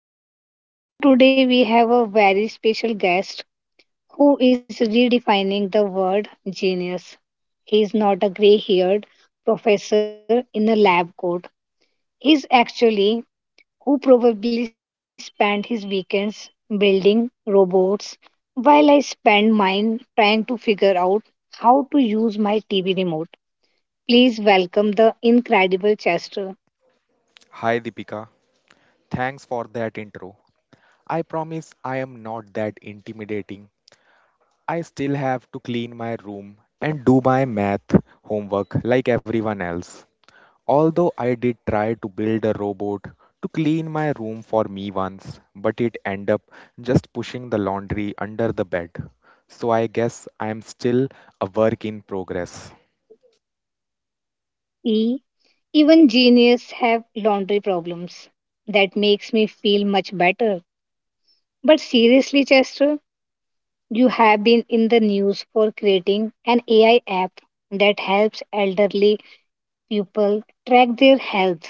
Deepika, and today we have a very special guest who is redefining the word genius. He is not a gray haired professor in a lab coat. He's actually who probably spent his weekends building robots while I spend mine trying to figure out how to use my TV remote. Please welcome the incredible Chester. Hi Deepika, thanks for that intro. I promise I am not that intimidating. I still have to clean my room and do my math homework like everyone else. Although I did try to build a robot to clean my room for me once, but it ended up just pushing the laundry under the bed. So I guess I am still a work in progress. E. Even genius have laundry problems. That makes me feel much better. But seriously, Chester, you have been in the news for creating an AI app that helps elderly people track their health.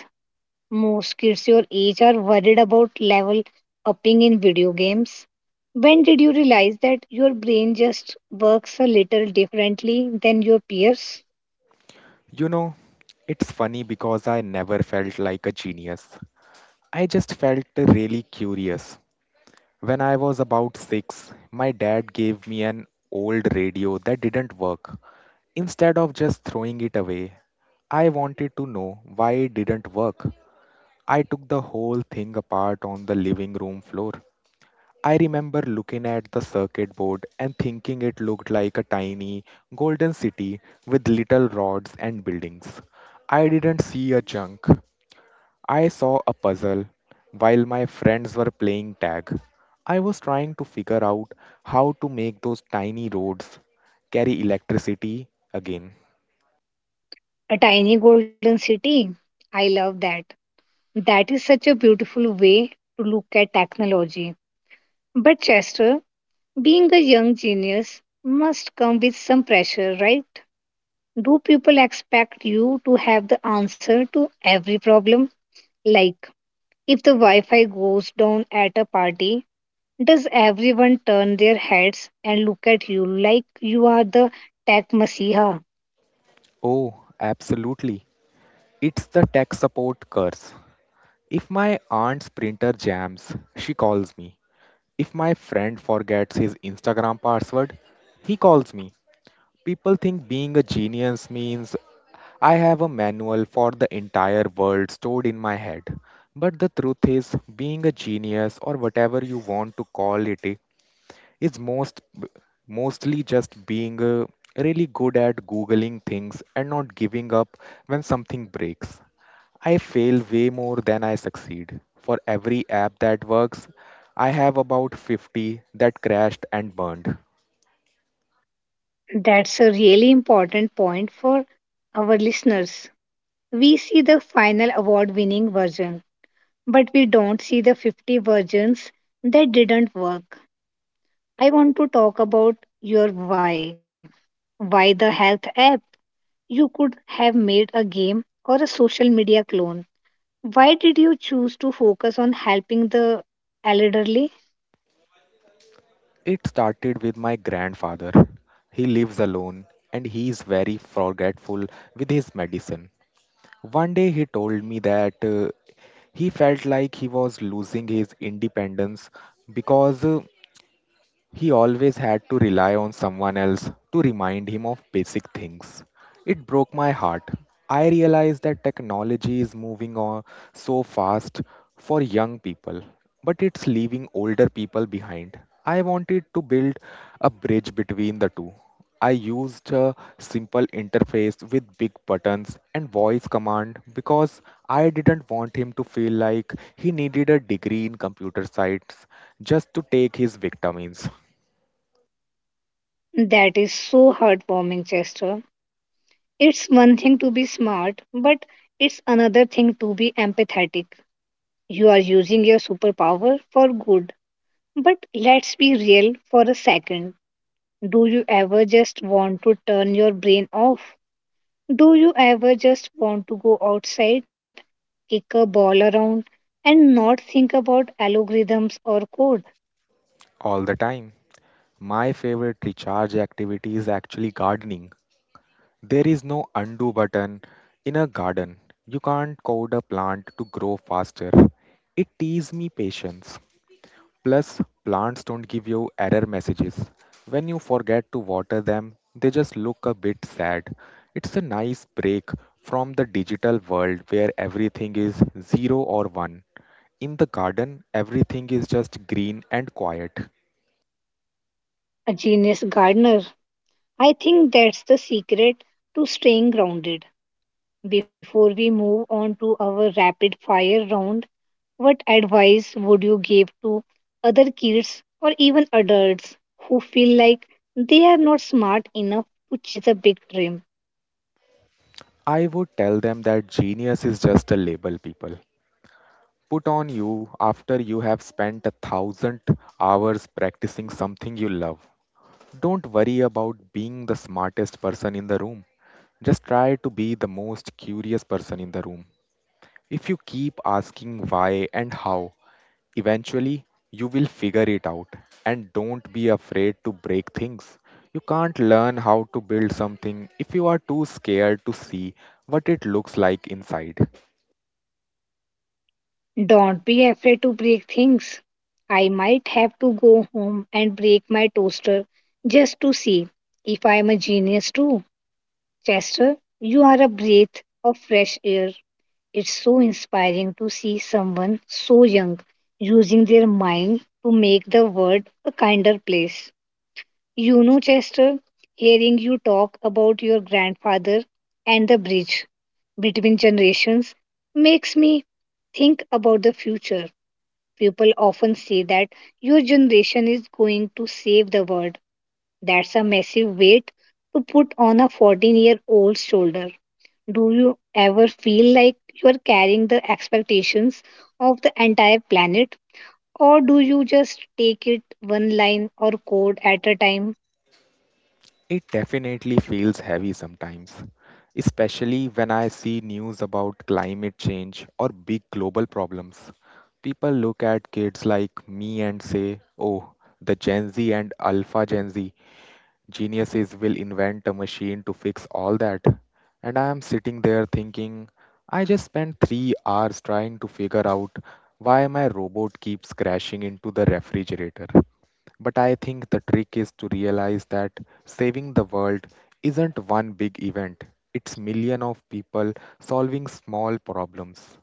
Most kids your age are worried about level upping in video games. When did you realize that your brain just works a little differently than your peers? You know, it's funny because I never felt like a genius. I just felt really curious. When I was about six, my dad gave me an old radio that didn't work. Instead of just throwing it away, I wanted to know why it didn't work. I took the whole thing apart on the living room floor. I remember looking at the circuit board and thinking it looked like a tiny golden city with little rods and buildings. I didn't see a junk. I saw a puzzle while my friends were playing tag. I was trying to figure out how to make those tiny roads carry electricity again. A tiny golden city. I love that. That is such a beautiful way to look at technology. But Chester, being a young genius must come with some pressure, right? Do people expect you to have the answer to every problem? Like, if the Wi Fi goes down at a party, does everyone turn their heads and look at you like you are the tech messiah? Oh, absolutely. It's the tech support curse. If my aunt's printer jams, she calls me. If my friend forgets his Instagram password, he calls me. People think being a genius means I have a manual for the entire world stored in my head. But the truth is, being a genius or whatever you want to call it is mostly just being really good at googling things and not giving up when something breaks. I fail way more than I succeed. For every app that works, I have about 50 that crashed and burned. That's a really important point for our listeners. We see the final award winning version, but we don't see the 50 versions that didn't work. I want to talk about your why. Why the health app? You could have made a game or a social media clone. Why did you choose to focus on helping the elderly? It started with my grandfather. He lives alone and he is very forgetful with his medicine. One day he told me that he felt like he was losing his independence because he always had to rely on someone else to remind him of basic things. It broke my heart. I realized that technology is moving on so fast for young people, but it's leaving older people behind. I wanted to build a bridge between the two. I used a simple interface with big buttons and voice command because I didn't want him to feel like he needed a degree in computer science just to take his vitamins. That is so heartwarming, Chester. It's one thing to be smart, but it's another thing to be empathetic. You are using your superpower for good. But let's be real for a second. Do you ever just want to turn your brain off? Do you ever just want to go outside, kick a ball around, and not think about algorithms or code? All the time. My favorite recharge activity is actually gardening. There is no undo button in a garden. You can't code a plant to grow faster. It teaches me patience. Plus, plants don't give you error messages. When you forget to water them, they just look a bit sad. It's a nice break from the digital world where everything is zero or one. In the garden, everything is just green and quiet. A genius gardener. I think that's the secret to staying grounded. Before we move on to our rapid fire round, what advice would you give to other kids or even adults who feel like they are not smart enough to chase a big dream? I would tell them that genius is just a label people put on you after you have spent 1,000 hours practicing something you love. Don't worry about being the smartest person in the room. Just try to be the most curious person in the room. If you keep asking why and how, eventually, you will figure it out, and don't be afraid to break things. You can't learn how to build something if you are too scared to see what it looks like inside. Don't be afraid to break things. I might have to go home and break my toaster just to see if I am a genius too. Chester, you are a breath of fresh air. It's so inspiring to see someone so young using their mind to make the world a kinder place. You know, Chester, hearing you talk about your grandfather and the bridge between generations makes me think about the future. People often say that your generation is going to save the world. That's a massive weight to put on a 14-year old's shoulder. Do you ever feel like you are carrying the expectations of the entire planet, or do you just take it one line or code at a time? It definitely feels heavy sometimes, especially when I see news about climate change or big global problems. People look at kids like me and say, oh, the Gen Z and Alpha Gen Z Geniuses will invent a machine to fix all that. And I am sitting there thinking, I just spent 3 hours trying to figure out why my robot keeps crashing into the refrigerator. But I think the trick is to realize that saving the world isn't one big event. It's million of people solving small problems.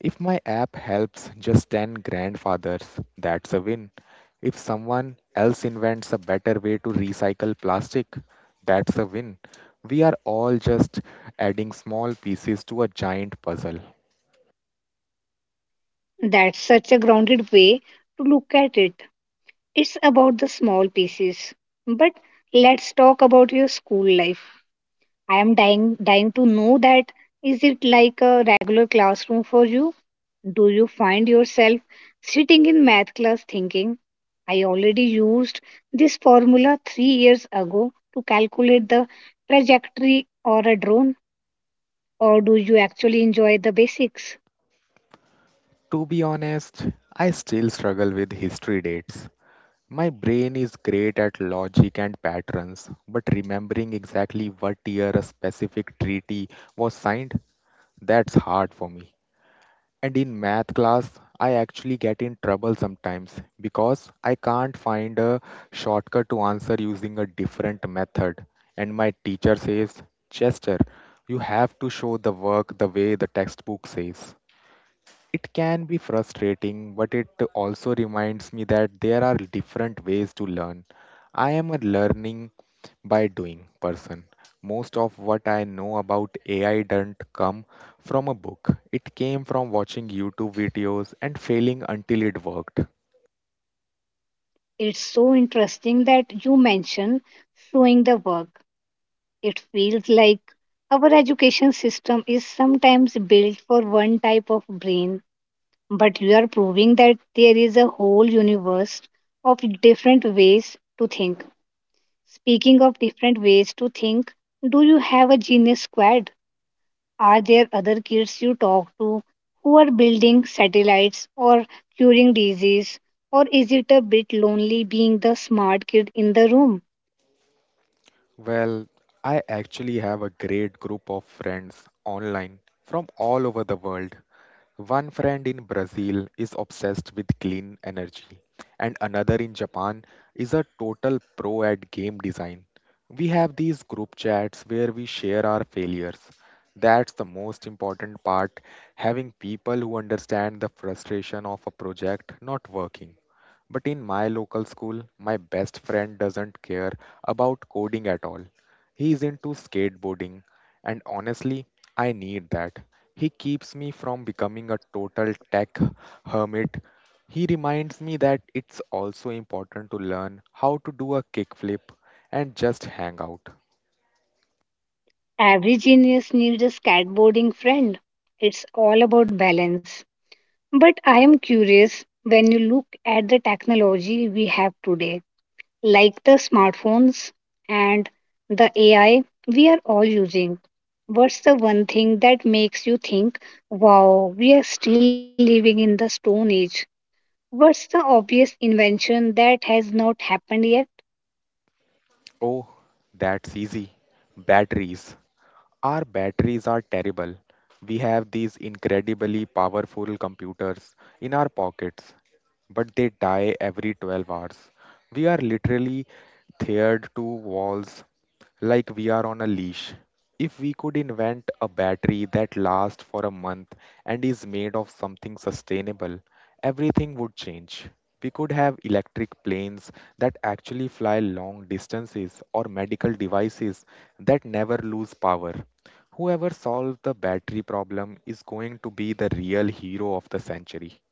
If my app helps just 10 grandfathers, that's a win. If someone else invents a better way to recycle plastic, that's a win. We are all just adding small pieces to a giant puzzle. That's such a grounded way to look at it. It's about the small pieces. But let's talk about your school life. I am dying to know that. Is it like a regular classroom for you? Do you find yourself sitting in math class thinking I already used this formula 3 years ago to calculate the trajectory or a drone, or do you actually enjoy the basics? To be honest, I still struggle with history dates. My brain is great at logic and patterns, but remembering exactly what year a specific treaty was signed, that's hard for me. And in math class, I actually get in trouble sometimes because I can't find a shortcut to answer using a different method. And my teacher says, Chester, you have to show the work the way the textbook says. It can be frustrating, but it also reminds me that there are different ways to learn. I am a learning by doing person. Most of what I know about AI didn't come from a book. It came from watching YouTube videos and failing until it worked. It's so interesting that you mention showing the work. It feels like our education system is sometimes built for one type of brain, but you are proving that there is a whole universe of different ways to think. Speaking of different ways to think, do you have a genius squad? Are there other kids you talk to who are building satellites or curing disease? Or is it a bit lonely being the smart kid in the room? Well, I actually have a great group of friends online from all over the world. One friend in Brazil is obsessed with clean energy, and another in Japan is a total pro at game design. We have these group chats where we share our failures. That's the most important part, having people who understand the frustration of a project not working. But in my local school, my best friend doesn't care about coding at all. He is into skateboarding, and honestly, I need that. He keeps me from becoming a total tech hermit. He reminds me that it's also important to learn how to do a kickflip and just hang out. Every genius needs a skateboarding friend. It's all about balance. But I am curious when you look at the technology we have today, like the smartphones and the AI we are all using. What's the one thing that makes you think, wow, we are still living in the Stone Age? What's the obvious invention that has not happened yet? Oh, that's easy. Batteries. Our batteries are terrible. We have these incredibly powerful computers in our pockets, but they die every 12 hours. We are literally tethered to walls like we are on a leash. If we could invent a battery that lasts for a month and is made of something sustainable, everything would change. We could have electric planes that actually fly long distances or medical devices that never lose power. Whoever solves the battery problem is going to be the real hero of the century.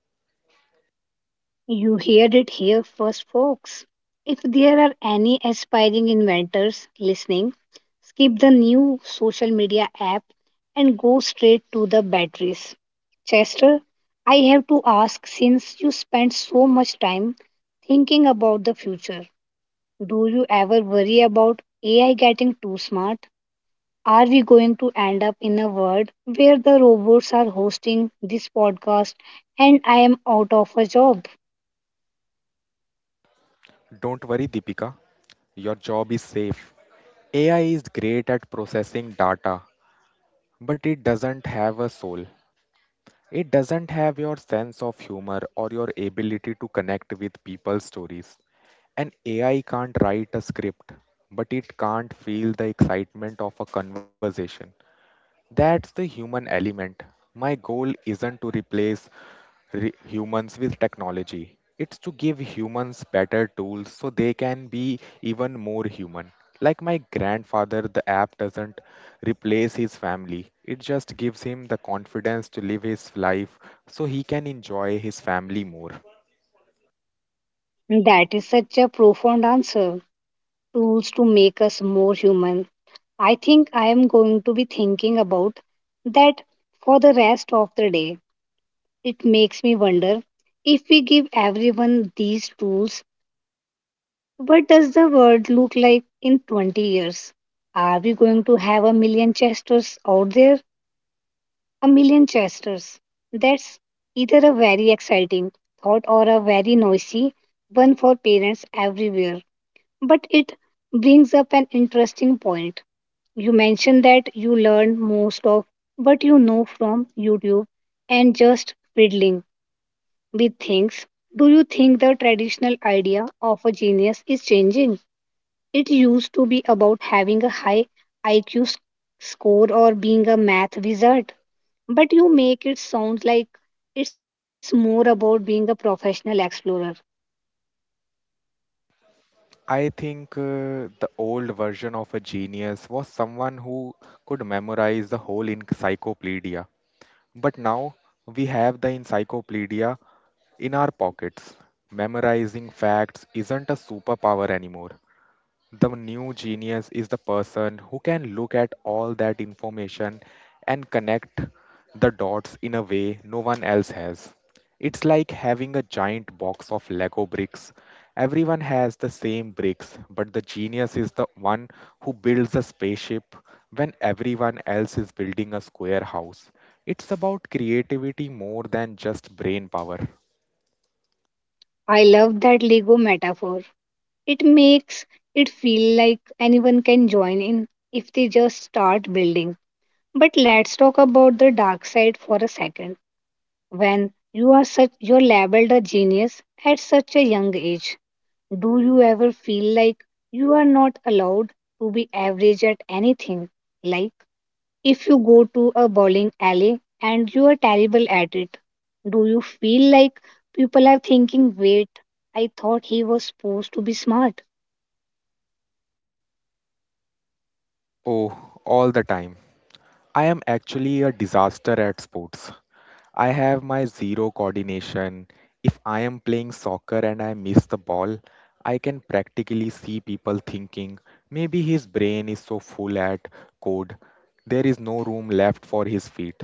You heard it here first, folks. If there are any aspiring inventors listening, skip the new social media app and go straight to the batteries. Chester, I have to ask, since you spend so much time thinking about the future, do you ever worry about AI getting too smart? Are we going to end up in a world where the robots are hosting this podcast and I am out of a job? Don't worry, Deepika, your job is safe. AI is great at processing data, but it doesn't have a soul. It doesn't have your sense of humor or your ability to connect with people's stories. An AI can't write a script, but it can't feel the excitement of a conversation. That's the human element. My goal isn't to replace humans with technology. It's to give humans better tools so they can be even more human. Like my grandfather, the app doesn't replace his family. It just gives him the confidence to live his life so he can enjoy his family more. That is such a profound answer. Tools to make us more human. I think I am going to be thinking about that for the rest of the day. It makes me wonder, if we give everyone these tools, what does the world look like in 20 years? Are we going to have a million Chesters out there? A million Chesters. That's either a very exciting thought or a very noisy one for parents everywhere. But it brings up an interesting point. You mentioned that you learn most of what you know from YouTube and just fiddling with things. Do you think the traditional idea of a genius is changing? It used to be about having a high IQ score or being a math wizard, but you make it sound like it's more about being a professional explorer. I think the old version of a genius was someone who could memorize the whole encyclopedia. But now we have the encyclopedia in our pockets. Memorizing facts isn't a superpower anymore. The new genius is the person who can look at all that information and connect the dots in a way no one else has. It's like having a giant box of Lego bricks. Everyone has the same bricks, but the genius is the one who builds a spaceship when everyone else is building a square house. It's about creativity more than just brain power. I love that Lego metaphor. It makes it feel like anyone can join in if they just start building. But let's talk about the dark side for a second. When you are such you're labeled a genius at such a young age, do you ever feel like you are not allowed to be average at anything? Like if you go to a bowling alley and you are terrible at it, do you feel like people are thinking, wait, I thought he was supposed to be smart? Oh, all the time. I am actually a disaster at sports. I have my zero coordination. If I am playing soccer and I miss the ball, I can practically see people thinking maybe his brain is so full at code, there is no room left for his feet.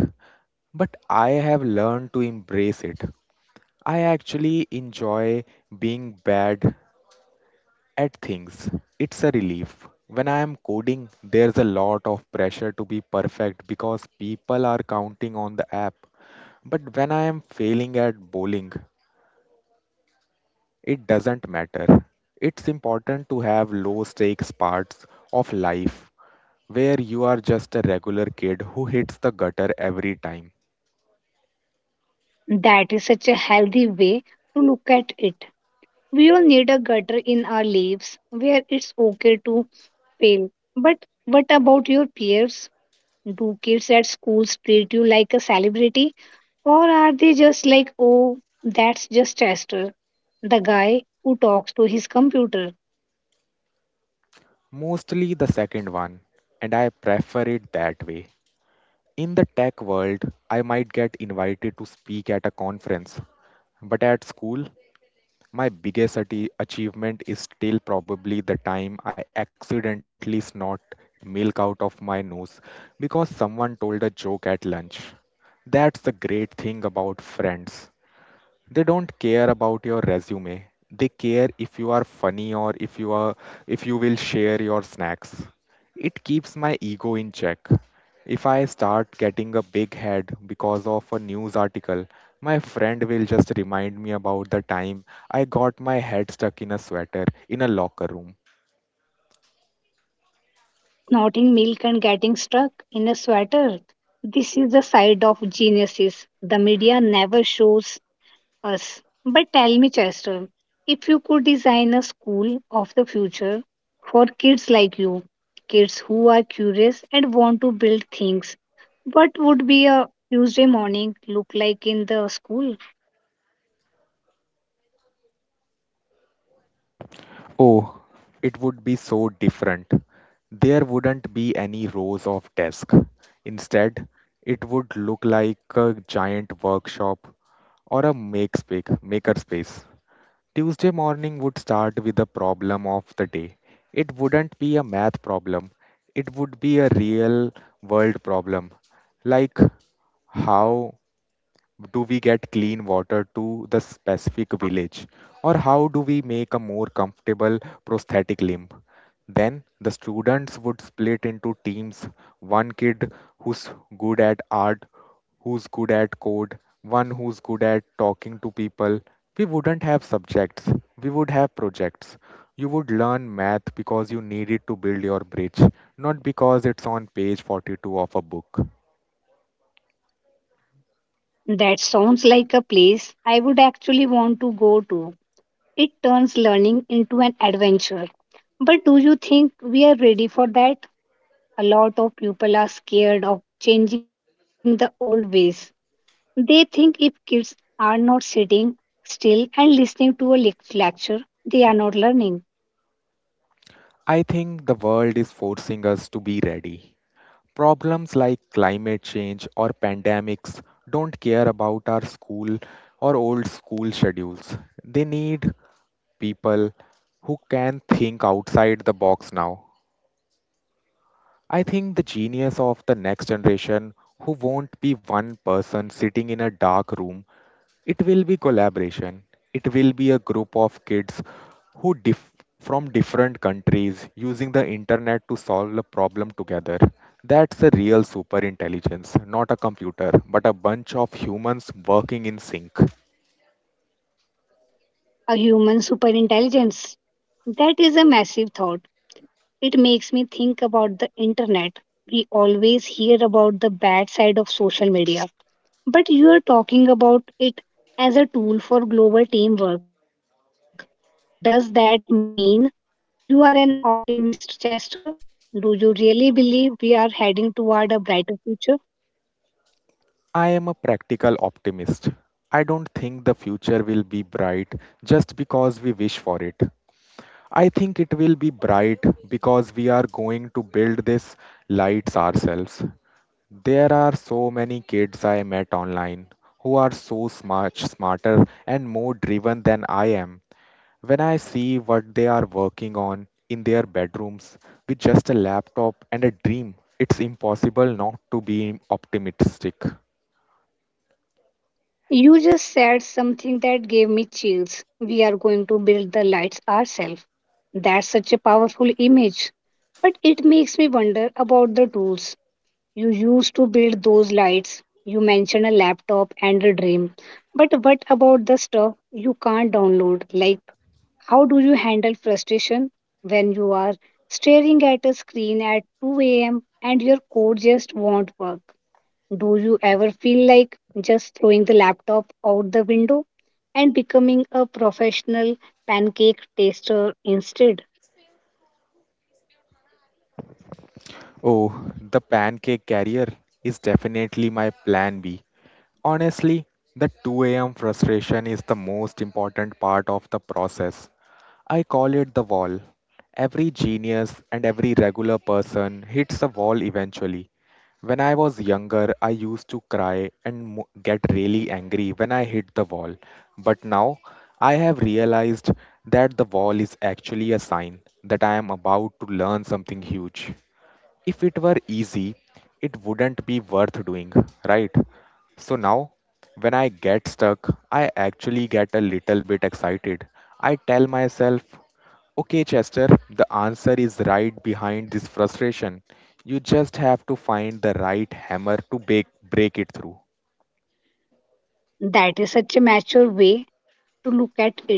But I have learned to embrace it. I actually enjoy being bad at things. It's a relief. When I am coding, there's a lot of pressure to be perfect because people are counting on the app. But when I am failing at bowling, it doesn't matter. It's important to have low stakes parts of life where you are just a regular kid who hits the gutter every time. That is such a healthy way to look at it. We all need a gutter in our lives where it's okay to fail. But what about your peers? Do kids at schools treat you like a celebrity? Or are they just like, oh, that's just Chester, the guy who talks to his computer? Mostly the second one, and I prefer it that way. In the tech world, I might get invited to speak at a conference, but at school, my biggest achievement is still probably the time I accidentally snort milk out of my nose because someone told a joke at lunch. That's the great thing about friends, they don't care about your resume, they care if you are funny or if you are if you will share your snacks. It keeps my ego in check. If I start getting a big head because of a news article, my friend will just remind me about the time I got my head stuck in a sweater in a locker room. Snorting milk and getting stuck in a sweater? This is the side of geniuses the media never shows us. But tell me, Chester, if you could design a school of the future for kids like you, kids who are curious and want to build things, what would be a Tuesday morning look like in the school? Oh, it would be so different. There wouldn't be any rows of desks. Instead, it would look like a giant workshop or a makerspace. Tuesday morning would start with the problem of the day. It wouldn't be a math problem. It would be a real world problem. Like, how do we get clean water to the specific village? Or how do we make a more comfortable prosthetic limb? Then the students would split into teams, one kid who's good at art, who's good at code, one who's good at talking to people. We wouldn't have subjects, we would have projects. You would learn math because you need it to build your bridge, not because it's on page 42 of a book. That sounds like a place I would actually want to go to. It turns learning into an adventure. But do you think we are ready for that? A lot of people are scared of changing the old ways. They think if kids are not sitting still and listening to a lecture, they are not learning. I think the world is forcing us to be ready. Problems like climate change or pandemics don't care about our school or old school schedules. They need people who can think outside the box now. I think the genius of the next generation who won't be one person sitting in a dark room it will be collaboration. It will be a group of kids who dif- from different countries using the internet to solve a problem together. That's a real super intelligence, not a computer, but a bunch of humans working in sync. A human superintelligence. That is a massive thought. It makes me think about the internet. We always hear about the bad side of social media, but you are talking about it as a tool for global teamwork. Does that mean you are an optimist, Chester? Do you really believe we are heading toward a brighter future? I am a practical optimist. I don't think the future will be bright just because we wish for it. I think it will be bright because we are going to build these lights ourselves. There are so many kids I met online who are so smart, smarter and more driven than I am. When I see what they are working on in their bedrooms with just a laptop and a dream, it's impossible not to be optimistic. You just said something that gave me chills. We are going to build the lights ourselves. That's such a powerful image. But it makes me wonder about the tools you used to build those lights. You mentioned a laptop and a dream. But what about the stuff you can't download? Like, how do you handle frustration when you are staring at a screen at 2 a.m. and your code just won't work? Do you ever feel like just throwing the laptop out the window and becoming a professional pancake taster instead? Oh, the pancake carrier is definitely my plan B. Honestly, the 2 a.m. frustration is the most important part of the process. I call it the wall. Every genius and every regular person hits a wall eventually. When I was younger, I used to cry and get really angry when I hit the wall. But now I have realized that the wall is actually a sign that I am about to learn something huge. If it were easy, it wouldn't be worth doing, right? So now, when I get stuck, I actually get a little bit excited. I tell myself, "Okay, Chester, the answer is right behind this frustration. You just have to find the right hammer to break it through." That is such a mature way to look at it.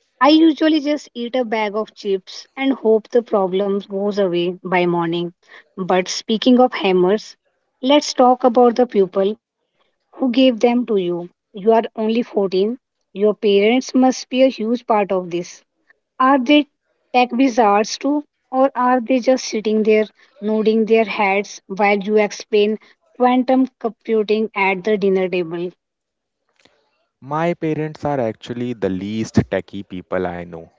I usually just eat a bag of chips and hope the problem goes away by morning. But speaking of hammers, let's talk about the people who gave them to you. You are only 14. Your parents must be a huge part of this. Are they tech wizards too, or are they just sitting there nodding their heads while you explain quantum computing at the dinner table? My parents are actually the least techie people I know.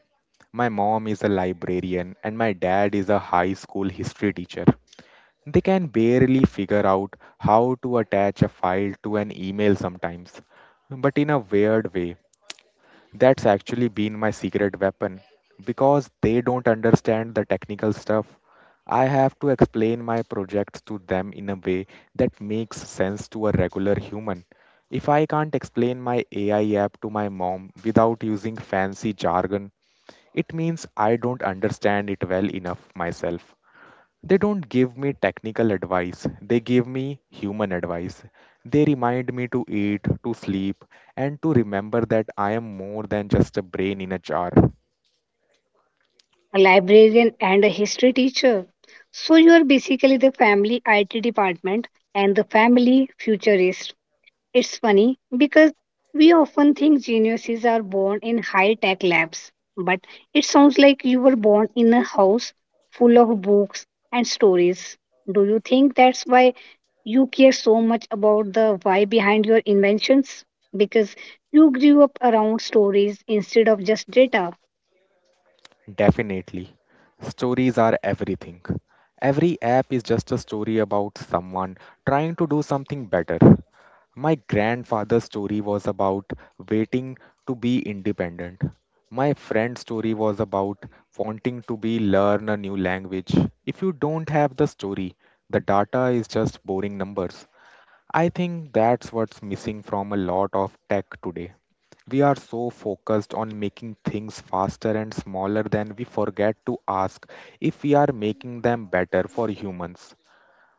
My mom is a librarian and my dad is a high school history teacher. They can barely figure out how to attach a file to an email sometimes. But in a weird way, that's actually been my secret weapon because they don't understand the technical stuff. I have to explain my projects to them in a way that makes sense to a regular human. If I can't explain my AI app to my mom without using fancy jargon, it means I don't understand it well enough myself. They don't give me technical advice, they give me human advice. They remind me to eat, to sleep, and to remember that I am more than just a brain in a jar. A librarian and a history teacher. So you are basically the family IT department and the family futurist. It's funny because we often think geniuses are born in high tech labs, but it sounds like you were born in a house full of books and stories. Do you think that's why you care so much about the why behind your inventions? Because you grew up around stories instead of just data. Definitely. Stories are everything. Every app is just a story about someone trying to do something better. My grandfather's story was about waiting to be independent. My friend's story was about wanting to be learn a new language. If you don't have the story, the data is just boring numbers. I think that's what's missing from a lot of tech today. We are so focused on making things faster and smaller that we forget to ask if we are making them better for humans.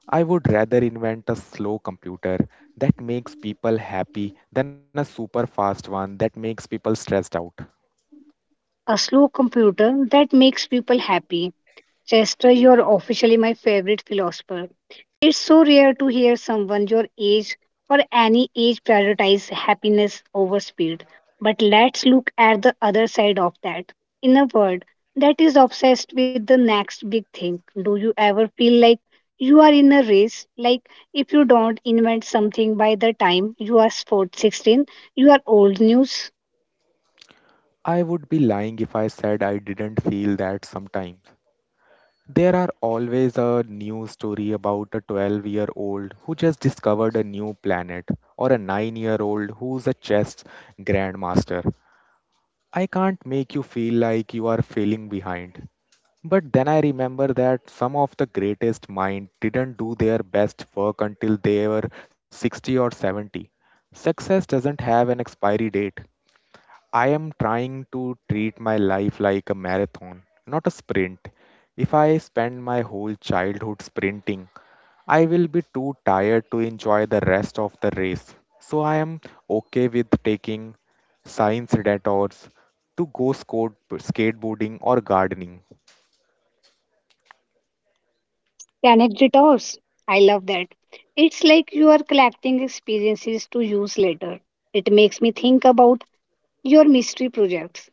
I would rather invent a slow computer that makes people happy than a super fast one that makes people stressed out. A slow computer that makes people happy. Chester, you're officially my favorite philosopher. It's so rare to hear someone your age or any age prioritize happiness over speed. But let's look at the other side of that. In a world that is obsessed with the next big thing, do you ever feel like you are in a race? Like if you don't invent something by the time you are 16, you are old news? I would be lying if I said I didn't feel that sometimes. There are always a new story about a 12-year-old who just discovered a new planet, or a 9-year-old who's a chess grandmaster. I can't make you feel like you are failing behind. But then I remember that some of the greatest minds didn't do their best work until they were 60 or 70. Success doesn't have an expiry date. I am trying to treat my life like a marathon, not a sprint. If I spend my whole childhood sprinting, I will be too tired to enjoy the rest of the race. So I am okay with taking science detours to go skateboarding or gardening. Connect the Anecdotes. I love that. It's like you are collecting experiences to use later. It makes me think about your mystery projects.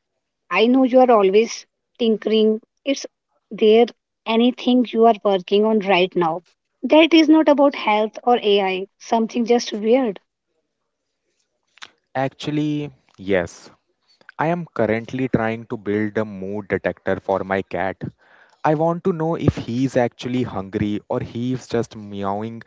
I know you are always tinkering. Is there anything you are working on right now that is not about health or AI, something just weird? Actually, yes, I am currently trying to build a mood detector for my cat. I want to know if he's actually hungry or he's just meowing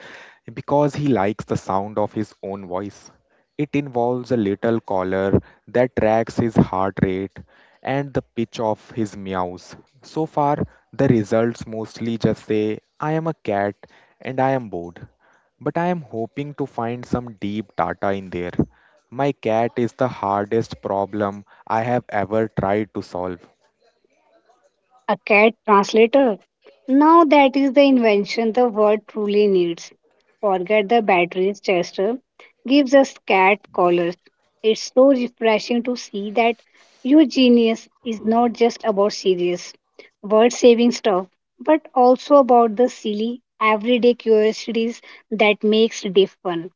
because he likes the sound of his own voice. It involves a little collar that tracks his heart rate and the pitch of his meows. So far, the results mostly just say, "I am a cat and I am bored." But I am hoping to find some deep data in there. My cat is the hardest problem I have ever tried to solve. A cat translator. Now that is the invention the world truly needs. Forget the batteries, Chester. Gives us cat collars. It's so refreshing to see that your genius is not just about serious, world saving stuff, but also about the silly, everyday curiosities that makes life fun.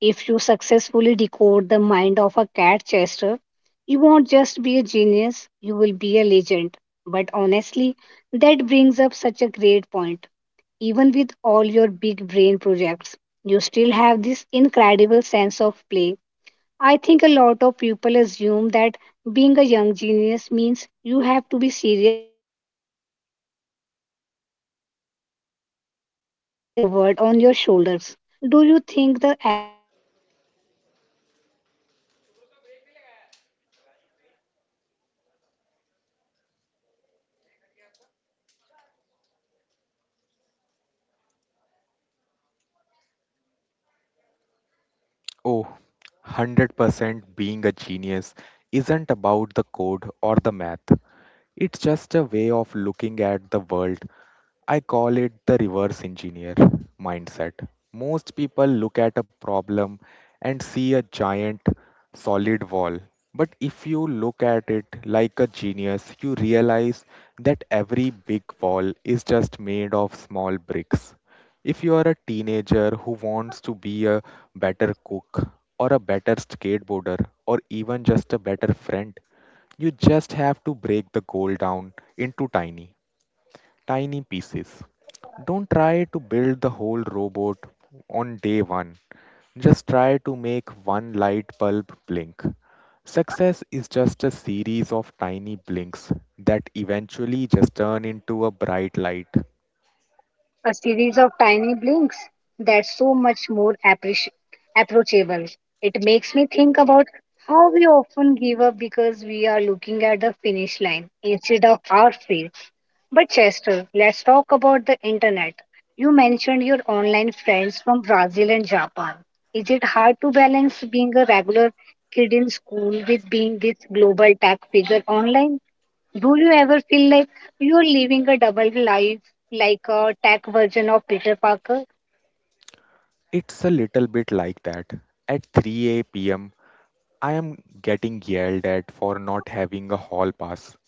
If you successfully decode the mind of a cat chaser, you won't just be a genius, you will be a legend. But honestly, that brings up such a great point. Even with all your big brain projects, you still have this incredible sense of play. I think a lot of people assume that being a young genius means you have to be serious all the time, like you are carrying the weight of the world on your shoulders. Do you think the average teenager, someone who doesn't know how to code a single line, can still use your genius mindset in their own life? Oh, 100% being a genius isn't about the code or the math. It's just a way of looking at the world. I call it the reverse engineer mindset. Most people look at a problem and see a giant solid wall. But if you look at it like a genius, you realize that every big wall is just made of small bricks. If you are a teenager who wants to be a better cook or a better skateboarder or even just a better friend, you just have to break the goal down into tiny, tiny pieces. Don't try to build the whole robot on day one. Just try to make one light bulb blink. Success is just a series of tiny blinks that eventually just turn into a bright light. A series of tiny blinks, that's so much more approachable. It makes me think about how we often give up because we are looking at the finish line instead of our feet. But Chester, let's talk about the internet. You mentioned your online friends from Brazil and Japan. Is it hard to balance being a regular kid in school with being this global tech figure online? Do you ever feel like you're living a double life, like a tech version of Peter Parker? It's a little bit like that. At 3 a.m., I am getting yelled at for not having a hall pass.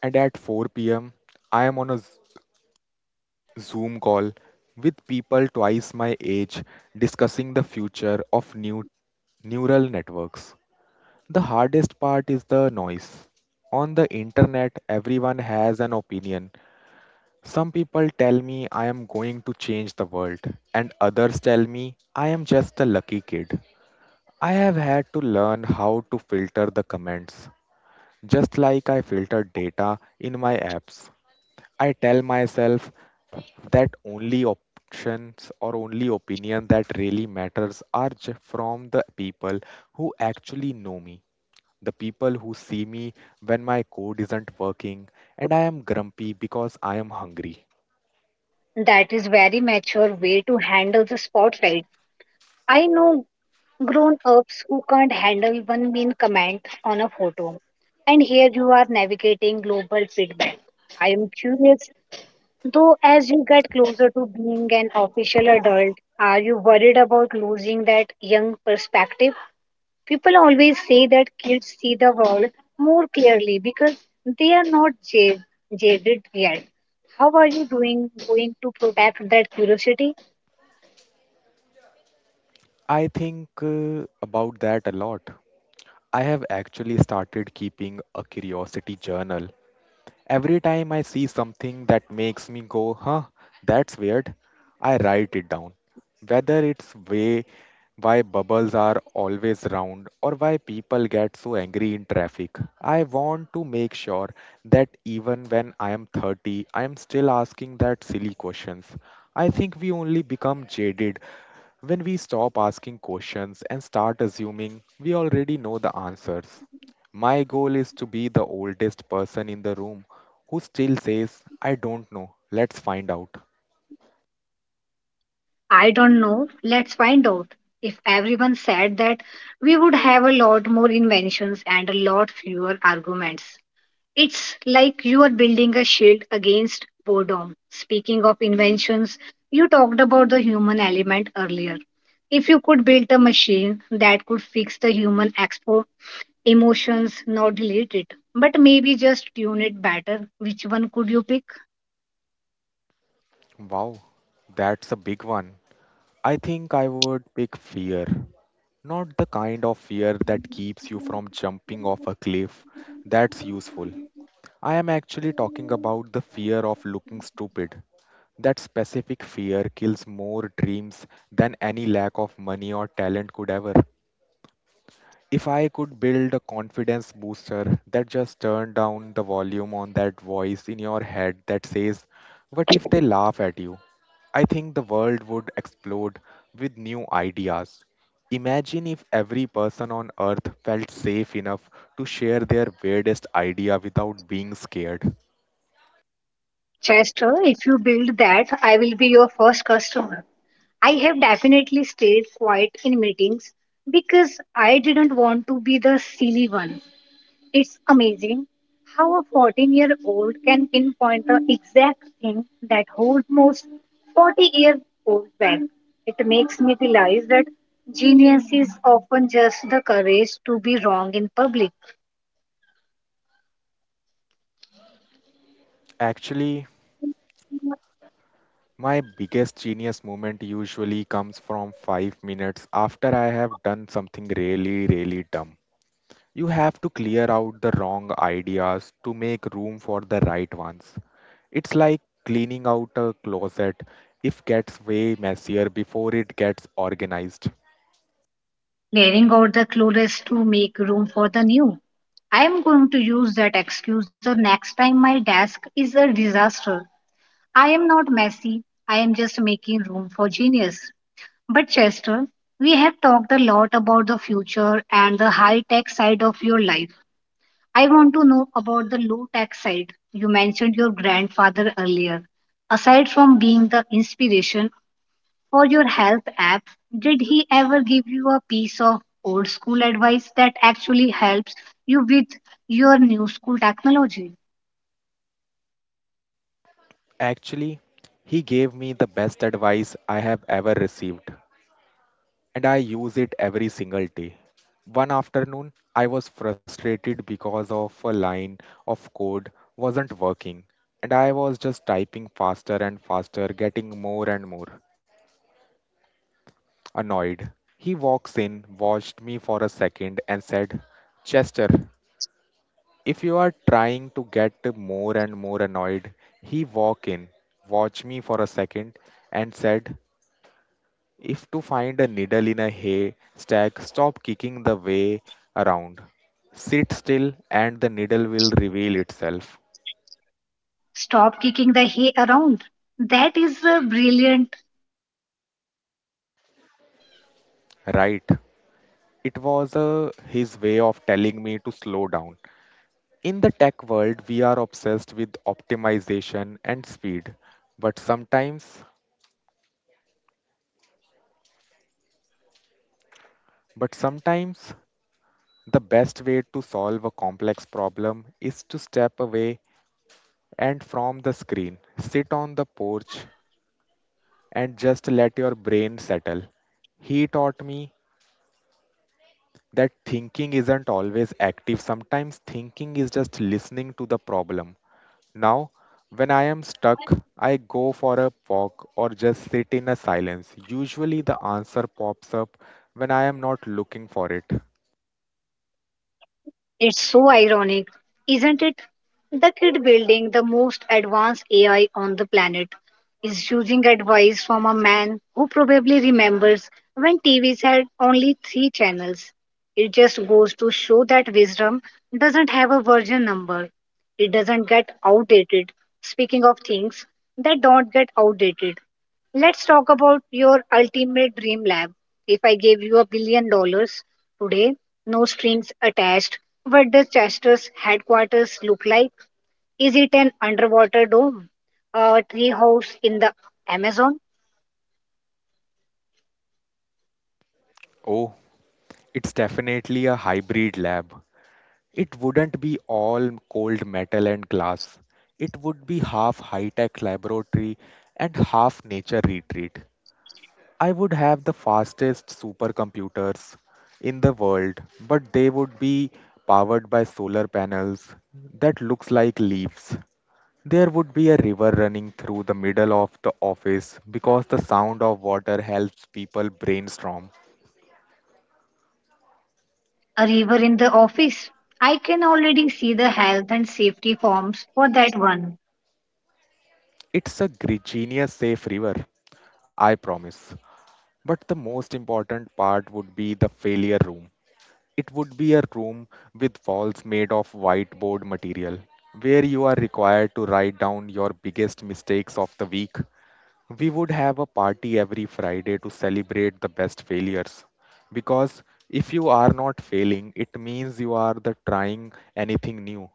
And at 4 p.m., I am on a Zoom call with people twice my age discussing the future of new neural networks. The hardest part is the noise. On the internet, everyone has an opinion. Some people tell me I am going to change the world, and others tell me I am just a lucky kid. I have had to learn how to filter the comments, just like I filter data in my apps. I tell myself that only options or only opinion that really matters are from the people who actually know me, the people who see me when my code isn't working and I am grumpy because I am hungry. That is very mature way to handle the spotlight. I know grown-ups who can't handle one mean comment on a photo. And here you are navigating global feedback. I am curious, though, as you get closer to being an official adult, are you worried about losing that young perspective? People always say that kids see the world more clearly because they are not jaded yet. How are you doing going to protect that curiosity? I think about that a lot. I have actually started keeping a curiosity journal. Every time I see something that makes me go, "Huh, that's weird," I write it down. Whether it's way why bubbles are always round or why people get so angry in traffic, I want to make sure that even when I am 30, I am still asking that silly questions. I think we only become jaded when we stop asking questions and start assuming we already know the answers. My goal is to be the oldest person in the room who still says, "I don't know, let's find out." I don't know. Let's find out. If everyone said that, we would have a lot more inventions and a lot fewer arguments. It's like you are building a shield against boredom. Speaking of inventions, you talked about the human element earlier. If you could build a machine that could fix the human expo emotions, not delete it, but maybe just tune it better, which one could you pick? Wow, that's a big one. I think I would pick fear. Not the kind of fear that keeps you from jumping off a cliff. That's useful. I am actually talking about the fear of looking stupid. That specific fear kills more dreams than any lack of money or talent could ever. If I could build a confidence booster that just turned down the volume on that voice in your head that says, "What if they laugh at you?" I think the world would explode with new ideas. Imagine if every person on earth felt safe enough to share their weirdest idea without being scared. Chester, if you build that, I will be your first customer. I have definitely stayed quiet in meetings because I didn't want to be the silly one. It's amazing how a 14-year-old can pinpoint the exact thing that holds most 40-year-old back. It makes me realize that genius is often just the courage to be wrong in public, Actually, my biggest genius moment usually comes from 5 minutes after I have done something really, really dumb. You have to clear out the wrong ideas to make room for the right ones. It's like cleaning out a closet. If gets way messier before it gets organized. clearing out the clueless to make room for the new. I am going to use that excuse the next time my desk is a disaster. I am not messy, I am just making room for genius. But Chester, we have talked a lot about the future and the high tech side of your life. I want to know about the low tech side. You mentioned your grandfather earlier. Aside from being the inspiration for your health app, did he ever give you a piece of old school advice that actually helps you with your new school technology? Actually, he gave me the best advice I have ever received, and I use it every single day. One afternoon, I was frustrated because of a line of code wasn't working, and I was just typing faster and faster, getting more and more annoyed. He walks in, watched me for a second, and said, "Chester, if you are trying to get more and more annoyed, he walked in, watched me for a second, and said, if to find a needle in a haystack, stop kicking the way around. Sit still, and the needle will reveal itself." Stop kicking the hay around. That is a brilliant mental image. Right. It was his way of telling me to slow down. In the tech world, we are obsessed with optimization and speed, but sometimes, but sometimes the best way to solve a complex problem is to step away and from the screen, sit on the porch and just let your brain settle. He taught me that thinking isn't always active. Sometimes thinking is just listening to the problem. Now, when I am stuck, I go for a walk or just sit in a silence. Usually, the answer pops up when I am not looking for it. It's so ironic, isn't it? The kid building the most advanced AI on the planet is using advice from a man who probably remembers when TVs had only three channels. It just goes to show that wisdom doesn't have a version number, it doesn't get outdated. Speaking of things that don't get outdated, let's talk about your ultimate dream lab. If I gave you $1 billion today, no strings attached. What does Chester's headquarters look like? Is it an underwater dome, a treehouse in the Amazon, Oh, it's definitely a hybrid lab. It wouldn't be all cold metal and glass. It would be half high tech laboratory and half nature retreat. I would have the fastest supercomputers in the world, but they would be powered by solar panels that looks like leaves. There would be a river running through the middle of the office because the sound of water helps people brainstorm. a river in the office? I can already see the health and safety forms for that one. It's a genius safe river, I promise. But the most important part would be the failure room. It would be a room with walls made of whiteboard material where you are required to write down your biggest mistakes of the week. We would have a party every Friday to celebrate the best failures. Because if you are not failing, it means you are the trying anything new.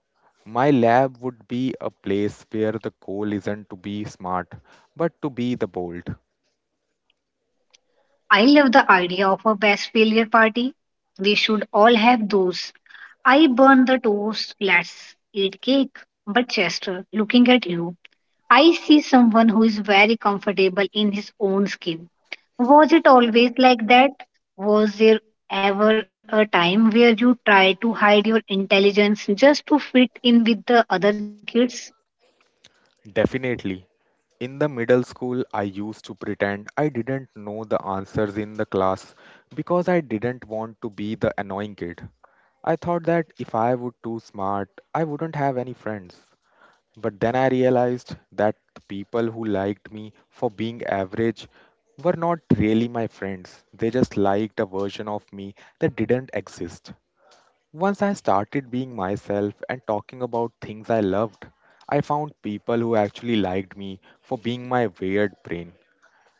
My lab would be a place where the goal isn't to be smart, but to be the bold. I love the idea of a best failure party. We should all have those. I burn the toast. Let's eat cake. But Chester, looking at you, I see someone who is very comfortable in his own skin. Was it always like that? Was there ever a time where you tried to hide your intelligence just to fit in with the other kids? Definitely. In the middle school, I used to pretend I didn't know the answers in the class because I didn't want to be the annoying kid. I thought that if I would too smart, I wouldn't have any friends. But then I realized that the people who liked me for being average were not really my friends. They just liked a version of me that didn't exist. Once I started being myself and talking about things I loved, I found people who actually liked me for being my weird brain.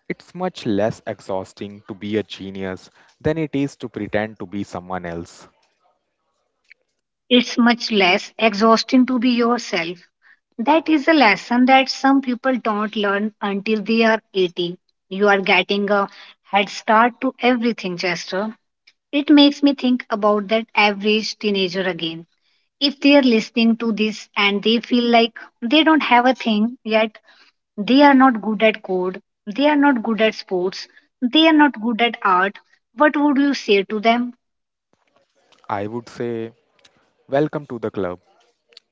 It's much less exhausting to be a genius than it is to pretend to be someone else. It's much less exhausting to be yourself. That is a lesson that some people don't learn until they are 80. You are getting a head start to everything, Chester. It makes me think about that average teenager again. If they are listening to this and they feel like they don't have a thing yet, they are not good at code, they are not good at sports, they are not good at art, what would you say to them? I would say, welcome to the club.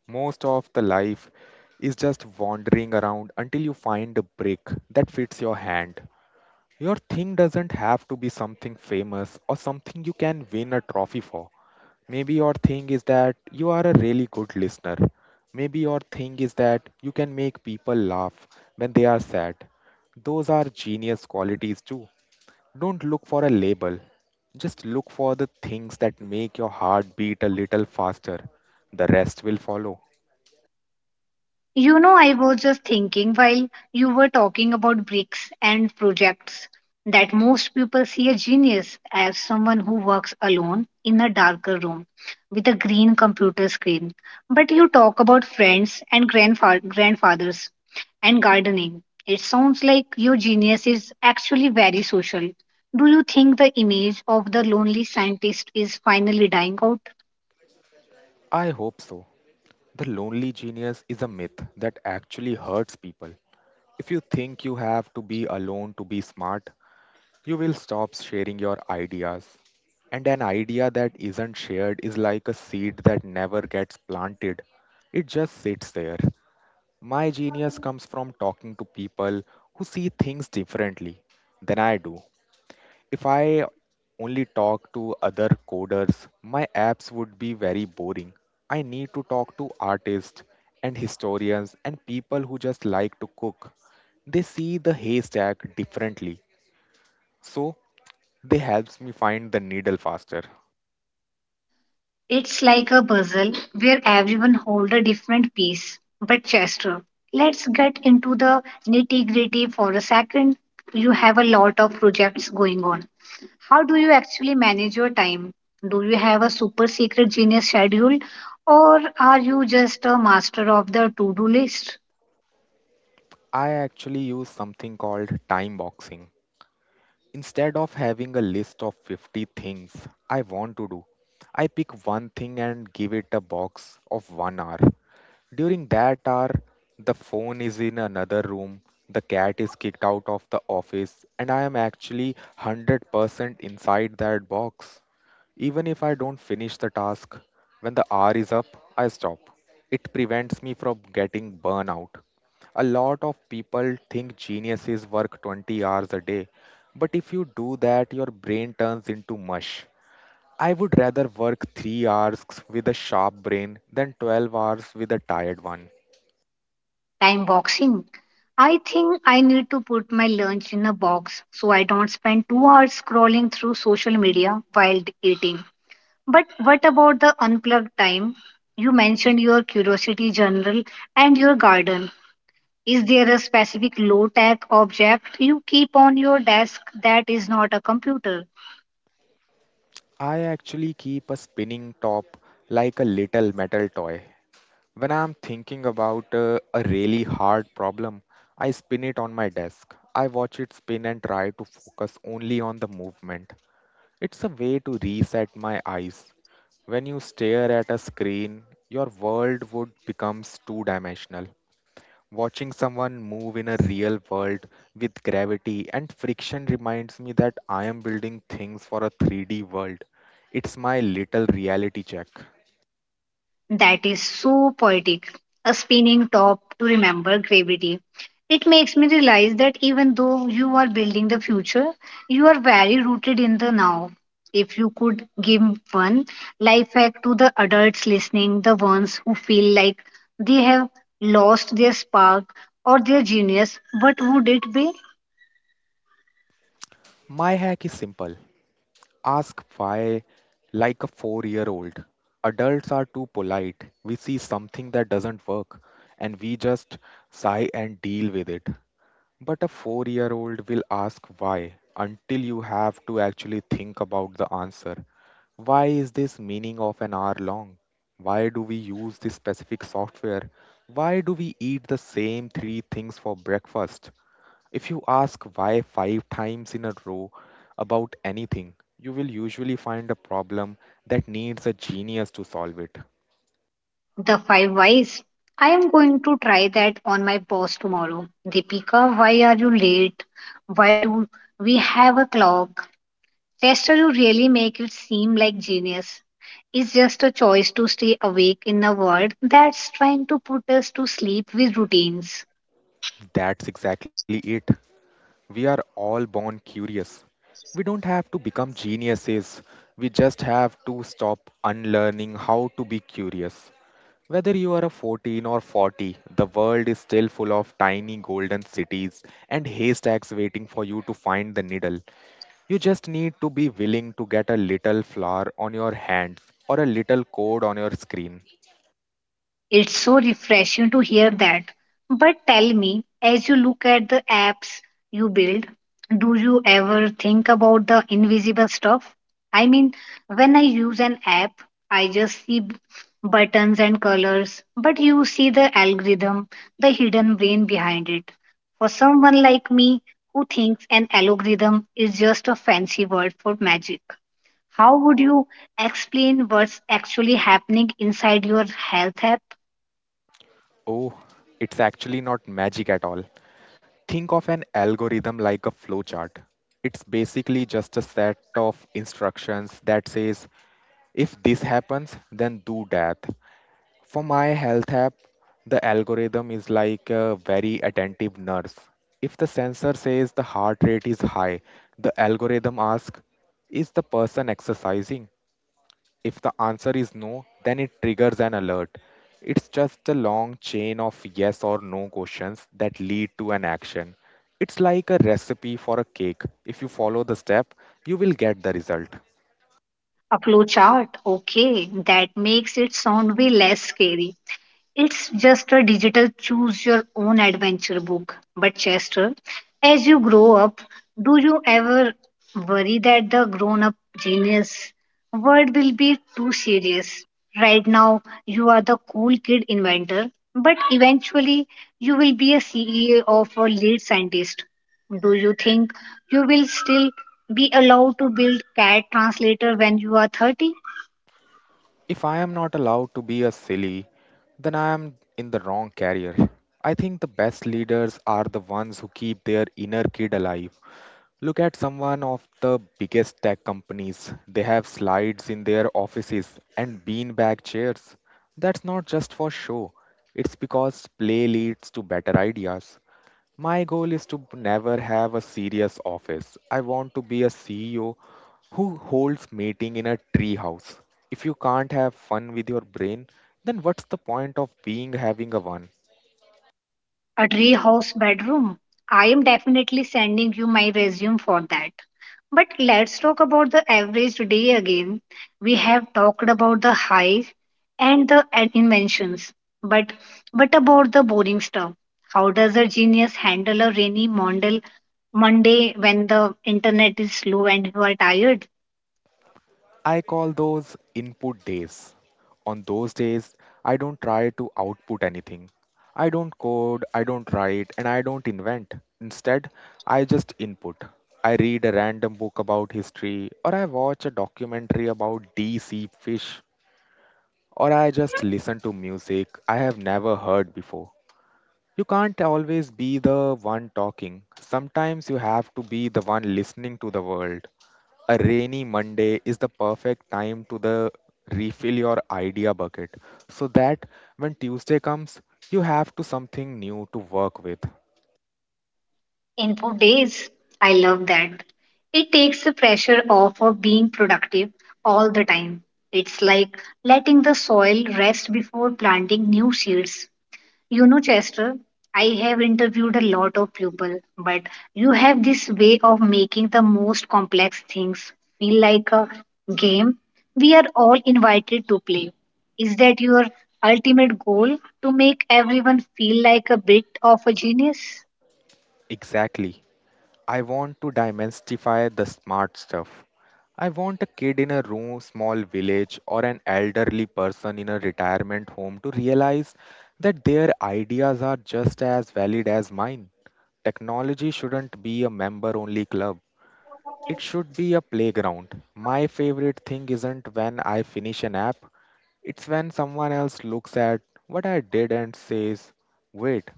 Most of the life is just wandering around until you find a brick that fits your hand. Your thing doesn't have to be something famous or something you can win a trophy for. Maybe your thing is that you are a really good listener. Maybe your thing is that you can make people laugh when they are sad. Those are genius qualities too. Don't look for a label. Just look for the things that make your heart beat a little faster. The rest will follow. You know, I was just thinking while you were talking about breaks and projects that most people see a genius as someone who works alone in a darker room with a green computer screen. But you talk about friends and grandfathers and gardening. It sounds like your genius is actually very social. Do you think the image of the lonely scientist is finally dying out? I hope so. The lonely genius is a myth that actually hurts people. If you think you have to be alone to be smart, you will stop sharing your ideas. And an idea that isn't shared is like a seed that never gets planted, it just sits there. My genius comes from talking to people who see things differently than I do. If I only talk to other coders, my apps would be very boring. I need to talk to artists and historians and people who just like to cook. They see the haystack differently. So they helps me find the needle faster. It's like a puzzle where everyone holds a different piece. But Chester, let's get into the nitty-gritty for a second. You have a lot of projects going on. How do you actually manage your time? Do you have a super secret genius schedule or are you just a master of the to-do list? I actually use something called time boxing. Instead of having a list of 50 things I want to do, I pick one thing and give it a box of 1 hour. During that hour, the phone is in another room, the cat is kicked out of the office, and I am actually 100% inside that box. Even if I don't finish the task, when the hour is up, I stop. It prevents me from getting burnout. A lot of people think geniuses work 20 hours a day, but if you do that, your brain turns into mush. I would rather work 3 hours with a sharp brain than 12 hours with a tired one. Time boxing. I think I need to put my lunch in a box so I don't spend 2 hours scrolling through social media while eating. But what about the unplugged time? You mentioned your curiosity journal and your garden. Is there a specific low tech object you keep on your desk that is not a computer? I actually keep a spinning top like a little metal toy. When I'm thinking about a really hard problem, I spin it on my desk. I watch it spin and try to focus only on the movement. It's a way to reset my eyes. When you stare at a screen, your world would becomes two-dimensional. Watching someone move in a real world with gravity and friction reminds me that I am building things for a 3D world. It's my little reality check. That is so poetic. A spinning top to remember gravity. It makes me realize that even though you are building the future, you are very rooted in the now. If you could give one life hack to the adults listening, the ones who feel like they have lost their spark or their genius, what would it be? My hack is simple. Ask why, like a 4 year old. Adults are too polite. We see something that doesn't work and we just sigh and deal with it. But a 4 year old will ask why until you have to actually think about the answer. Why is this meaning of an hour long? Why do we use this specific software? Why do we eat the same three things for breakfast? If you ask why 5 times in a row about anything, you will usually find a problem that needs a genius to solve it. The five whys. I am going to try that on my boss tomorrow. Deepika, why are you late? Why do we have a clock? Chester, you really make it seem like genius. It's just a choice to stay awake in a world that's trying to put us to sleep with routines. That's exactly it. We are all born curious. We don't have to become geniuses. We just have to stop unlearning how to be curious. Whether you are a 14 or 40, the world is still full of tiny golden cities and haystacks waiting for you to find the needle. You just need to be willing to get a little flower on your hands or a little code on your screen. It's so refreshing to hear that. But tell me, as you look at the apps you build, do you ever think about the invisible stuff? I mean, when I use an app, I just see buttons and colors, but you see the algorithm, the hidden brain behind it. For someone like me who thinks an algorithm is just a fancy word for magic, how would you explain what's actually happening inside your health app? Oh, it's actually not magic at all. Think of an algorithm like a flowchart. It's basically just a set of instructions that says if this happens, then do that. For my health app, the algorithm is like a very attentive nurse. If the sensor says the heart rate is high, the algorithm asks, is the person exercising? If the answer is no, then it triggers an alert. It's just a long chain of yes or no questions that lead to an action. It's like a recipe for a cake. If you follow the step, you will get the result. A flow chart. Okay, that makes it sound way less scary. It's just a digital choose your own adventure book. But, Chester, as you grow up, do you ever worry that the grown up genius word will be too serious? Right now, you are the cool kid inventor, but eventually, you will be a CEO of a lead scientist. Do you think you will still be allowed to build CAD translator when you are 30? If I am not allowed to be a silly, then I am in the wrong career. I think the best leaders are the ones who keep their inner kid alive. Look at someone of the biggest tech companies. They have slides in their offices and beanbag chairs. That's not just for show. It's because play leads to better ideas. My goal is to never have a serious office. I want to be a CEO who holds meeting in a treehouse. If you can't have fun with your brain, then what's the point of being having a one? A treehouse bedroom. I am definitely sending you my resume for that. But let's talk about the average day again. We have talked about the highs and the inventions, but what about the boring stuff? How does a genius handle a rainy Monday, Monday when the internet is slow and you are tired? I call those input days. On those days, I don't try to output anything. I don't code, I don't write, and I don't invent. Instead, I just input. I read a random book about history, or I watch a documentary about deep sea fish or I just listen to music I have never heard before. You can't always be the one talking. Sometimes you have to be the one listening to the world. A rainy Monday is the perfect time to the refill your idea bucket so that when Tuesday comes you have to something new to work with. Info days. I love that. It takes the pressure off of being productive all the time. It's like letting the soil rest before planting new seeds. You know, Chester, I have interviewed a lot of people, but you have this way of making the most complex things feel like a game we are all invited to play. Is that your ultimate goal to make everyone feel like a bit of a genius? Exactly. I want to demystify the smart stuff. I want a kid in a rural small village or an elderly person in a retirement home to realize that their ideas are just as valid as mine. Technology shouldn't be a member only club. It should be a playground. My favorite thing isn't when I finish an app, it's when someone else looks at what I did and says, wait,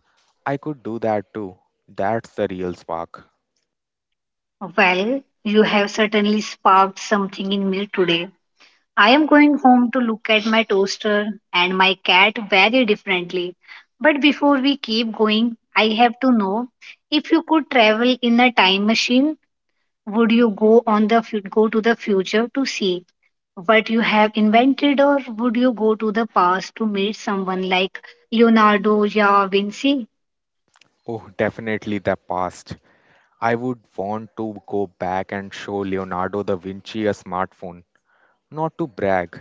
I could do that too. That's the real spark. Well, you have certainly sparked something in me today. I am going home to look at my toaster and my cat very differently. But before we keep going, I have to know if you could travel in a time machine, would you go go to the future to see what you have invented, or would you go to the past to meet someone like Leonardo da Vinci? Oh, definitely the past. I would want to go back and show Leonardo da Vinci a smartphone. Not to brag,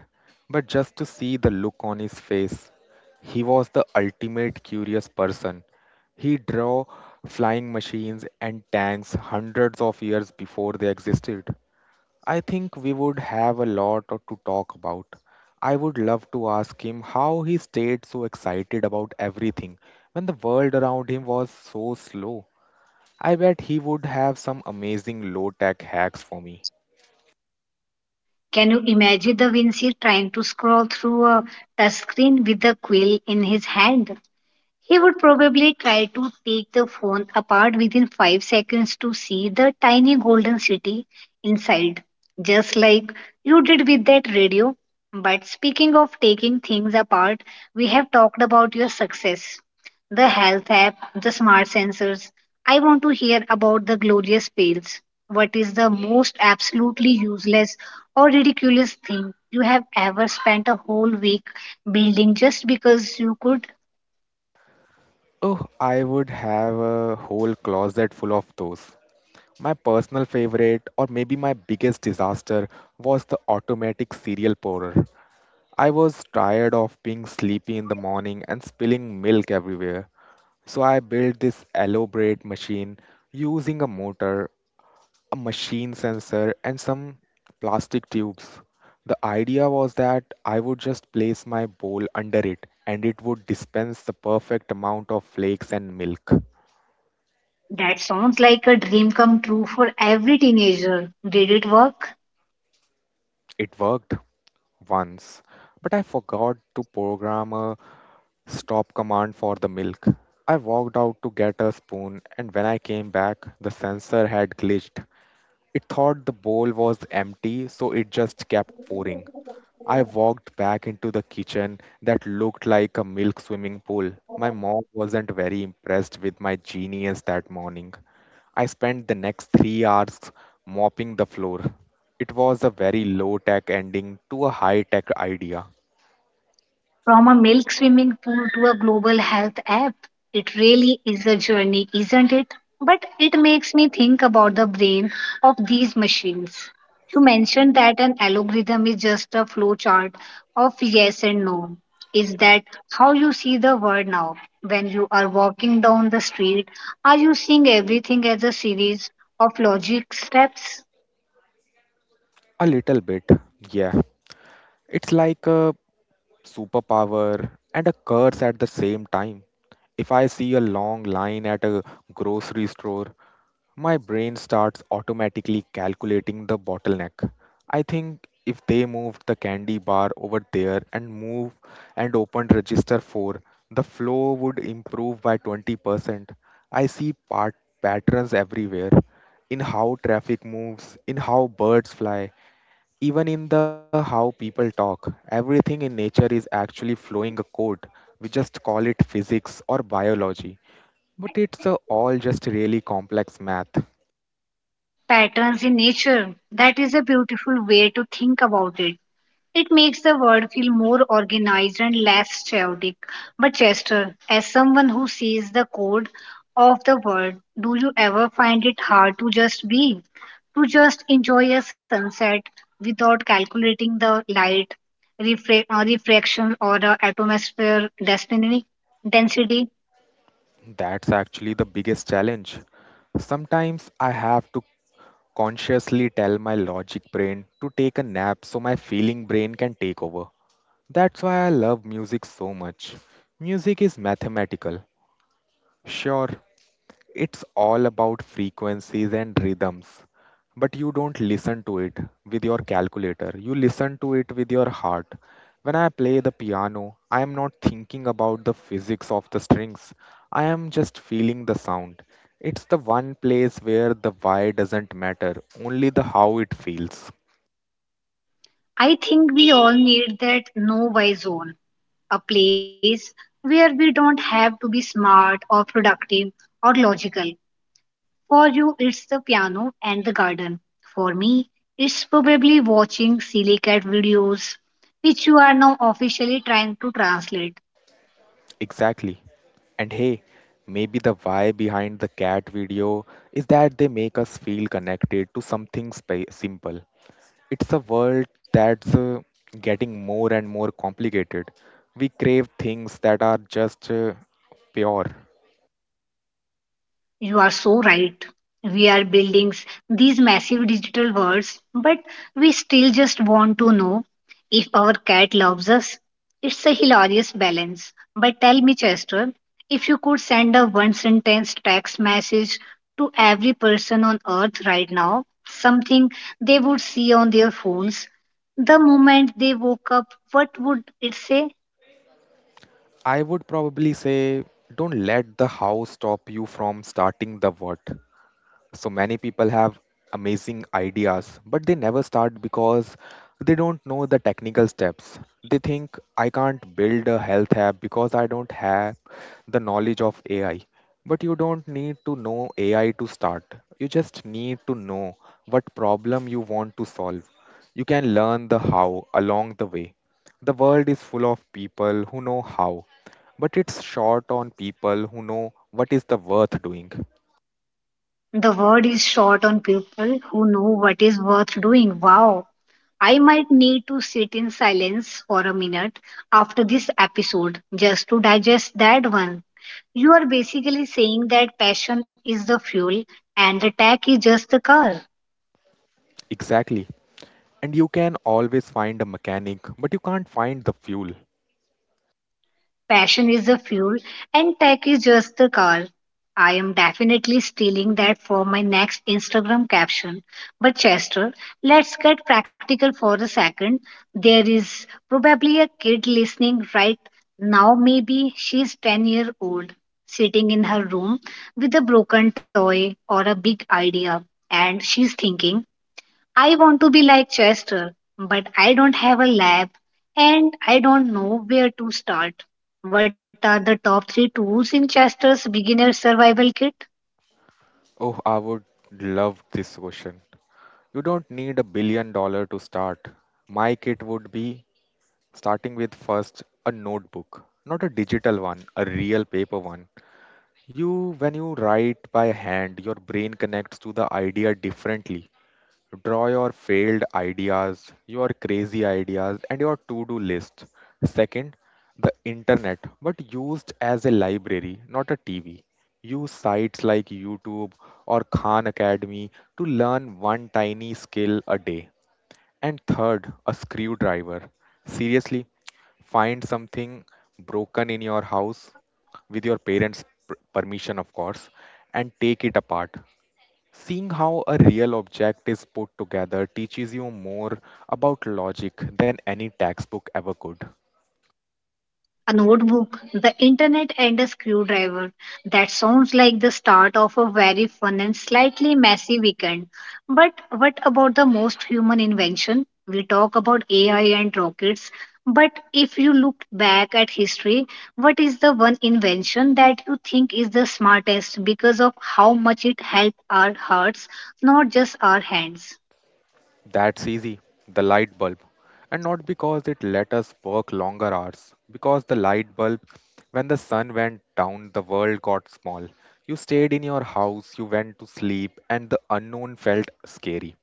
but just to see the look on his face. He was the ultimate curious person. He drew flying machines and tanks hundreds of years before they existed. I think we would have a lot to talk about. I would love to ask him how he stayed so excited about everything when the world around him was so slow. I bet he would have some amazing low tech hacks for me. Can you imagine the Vinci trying to scroll through a touchscreen with a quill in his hand? He would probably try to take the phone apart within 5 seconds to see the tiny golden city inside, just like you did with that radio. But speaking of taking things apart, we have talked about your success, the health app, the smart sensors. I want to hear about the glorious fails. What is the most absolutely useless or ridiculous thing you have ever spent a whole week building just because you could? Oh, I would have a whole closet full of those. My personal favorite, or maybe my biggest disaster, was the automatic cereal pourer. I was tired of being sleepy in the morning and spilling milk everywhere. So I built this elaborate machine using a motor, a machine sensor, and some plastic tubes. The idea was that I would just place my bowl under it and it would dispense the perfect amount of flakes and milk. That sounds like a dream come true for every teenager. Did it work? It worked once, but I forgot to program a stop command for the milk. I walked out to get a spoon, and when I came back, the sensor had glitched. It thought the bowl was empty, so it just kept pouring. I walked back into the kitchen that looked like a milk swimming pool. My mom wasn't very impressed with my genius that morning. I spent the next 3 hours mopping the floor. It was a very low tech ending to a high tech idea. From a milk swimming pool to a global health app. It really is a journey, isn't it? But it makes me think about the brain of these machines. You mentioned that an algorithm is just a flowchart of yes and no. Is that how you see the world now? When you are walking down the street, are you seeing everything as a series of logic steps? A little bit, yeah. It's like a superpower and a curse at the same time. If I see a long line at a grocery store, my brain starts automatically calculating the bottleneck. I think if they moved the candy bar over there and opened register 4, the flow would improve by 20%. I see part patterns everywhere in how traffic moves, in how birds fly, even in the how people talk, everything in nature is actually flowing a code. We just call it physics or biology, but it's all just really complex math. Patterns in nature. That is a beautiful way to think about it. It makes the world feel more organized and less chaotic. But, Chester, as someone who sees the code of the world, do you ever find it hard to just be? To just enjoy a sunset without calculating the light, refraction, or the atmosphere density? Density? That's actually the biggest challenge. Sometimes I have to consciously tell my logic brain to take a nap so my feeling brain can take over. That's why I love music so much. Music is mathematical, sure. It's all about frequencies and rhythms. But you don't listen to it with your calculator. You listen to it with your heart. When I play the piano, I am not thinking about the physics of the strings. I am just feeling the sound. It's the one place where the why doesn't matter, only the how it feels. I think we all need that no why zone, a place where we don't have to be smart or productive or logical. For you, it's the piano and the garden. For me, it's probably watching silly cat videos, which you are now officially trying to translate. Exactly. And hey, maybe the why behind the cat video is that they make us feel connected to something simple. It's a world that's getting more and more complicated. We crave things that are just pure. You are so right. We are building these massive digital worlds, but we still just want to know if our cat loves us. It's a hilarious balance. But tell me, Chester, if you could send a one sentence text message to every person on earth right now, something they would see on their phones the moment they woke up, what would it say? I would probably say, don't let the how stop you from starting the what. So many people have amazing ideas, but they never start because they don't know the technical steps. They think, I can't build a health app because I don't have the knowledge of AI. But you don't need to know AI to start. You just need to know what problem you want to solve. You can learn the how along the way. The world is full of people who know how, but it's short on people who know what is the worth doing. The word is short on people who know what is worth doing. Wow. I might need to sit in silence for a minute after this episode just to digest that one. You are basically saying that passion is the fuel and the tech is just the car. Exactly. And you can always find a mechanic, but you can't find the fuel. Passion is the fuel, and tech is just the car. I am definitely stealing that for my next Instagram caption. But, Chester, let's get practical for a second. There is probably a kid listening right now, maybe she's 10-year-old, sitting in her room with a broken toy or a big idea, and she's thinking, I want to be like Chester, but I don't have a lab and I don't know where to start. What are the top three tools in Chester's beginner survival kit? Oh, I would love this ocean. You don't need a billion dollars to start. My kit would be starting with, first, a notebook, not a digital one, a real paper one. You, when you write by hand, your brain connects to the idea differently. So draw your failed ideas, your crazy ideas, and your to do list. Second, the internet, but used as a library, not a TV. Use sites like YouTube or Khan Academy to learn one tiny skill a day. And third, a screwdriver. Seriously, find something broken in your house, with your parents' permission, of course, and take it apart. Seeing how a real object is put together teaches you more about logic than any textbook ever could. A notebook, the internet, and a screwdriver. That sounds like the start of a very fun and slightly messy weekend. But what about the most human invention? We talk about AI and rockets, but if you look back at history, what is the one invention that you think is the smartest because of how much it helped our hearts, not just our hands? That's easy, the light bulb. And not because it let us work longer hours, because the light bulb, when the sun went down, the world got small. You stayed in your house, you went to sleep, and the unknown felt scary.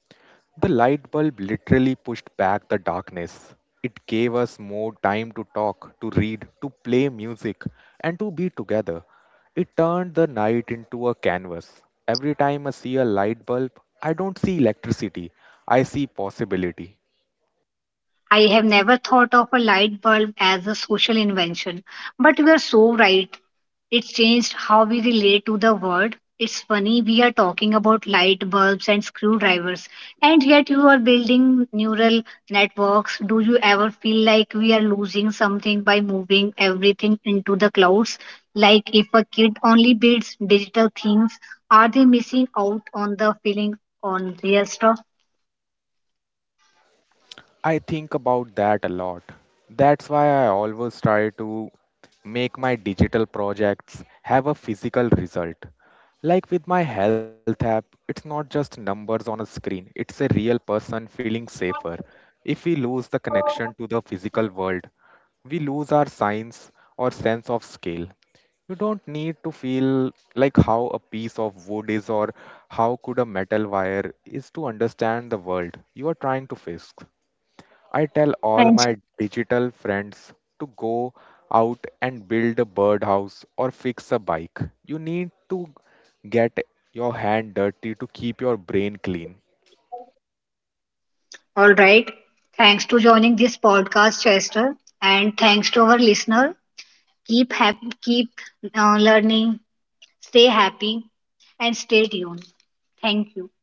The light bulb literally pushed back the darkness. It gave us more time to talk, to read, to play music, and to be together. It turned the night into a canvas. Every time I see a light bulb, I don't see electricity, I see possibility. I have never thought of a light bulb as a social invention, but you are so right. It's changed how we relate to the world. It's funny, we are talking about light bulbs and screwdrivers, and yet you are building neural networks. Do you ever feel like we are losing something by moving everything into the clouds? Like, if a kid only builds digital things, are they missing out on the feeling on real stuff? I think about that a lot. That's why I always try to make my digital projects have a physical result. Like with my health app, it's not just numbers on a screen, it's a real person feeling safer. If we lose the connection to the physical world, we lose our science or sense of scale. You don't need to feel like how a piece of wood is or how could a metal wire is to understand the world you are trying to fix. I tell all Thanks. my digital friends to go out and build a birdhouse or fix a bike. You need to get your hand dirty to keep your brain clean. All right. Thanks to joining this podcast, Chester, and thanks to our listener. Keep happy, keep learning. Stay happy and stay tuned. Thank you.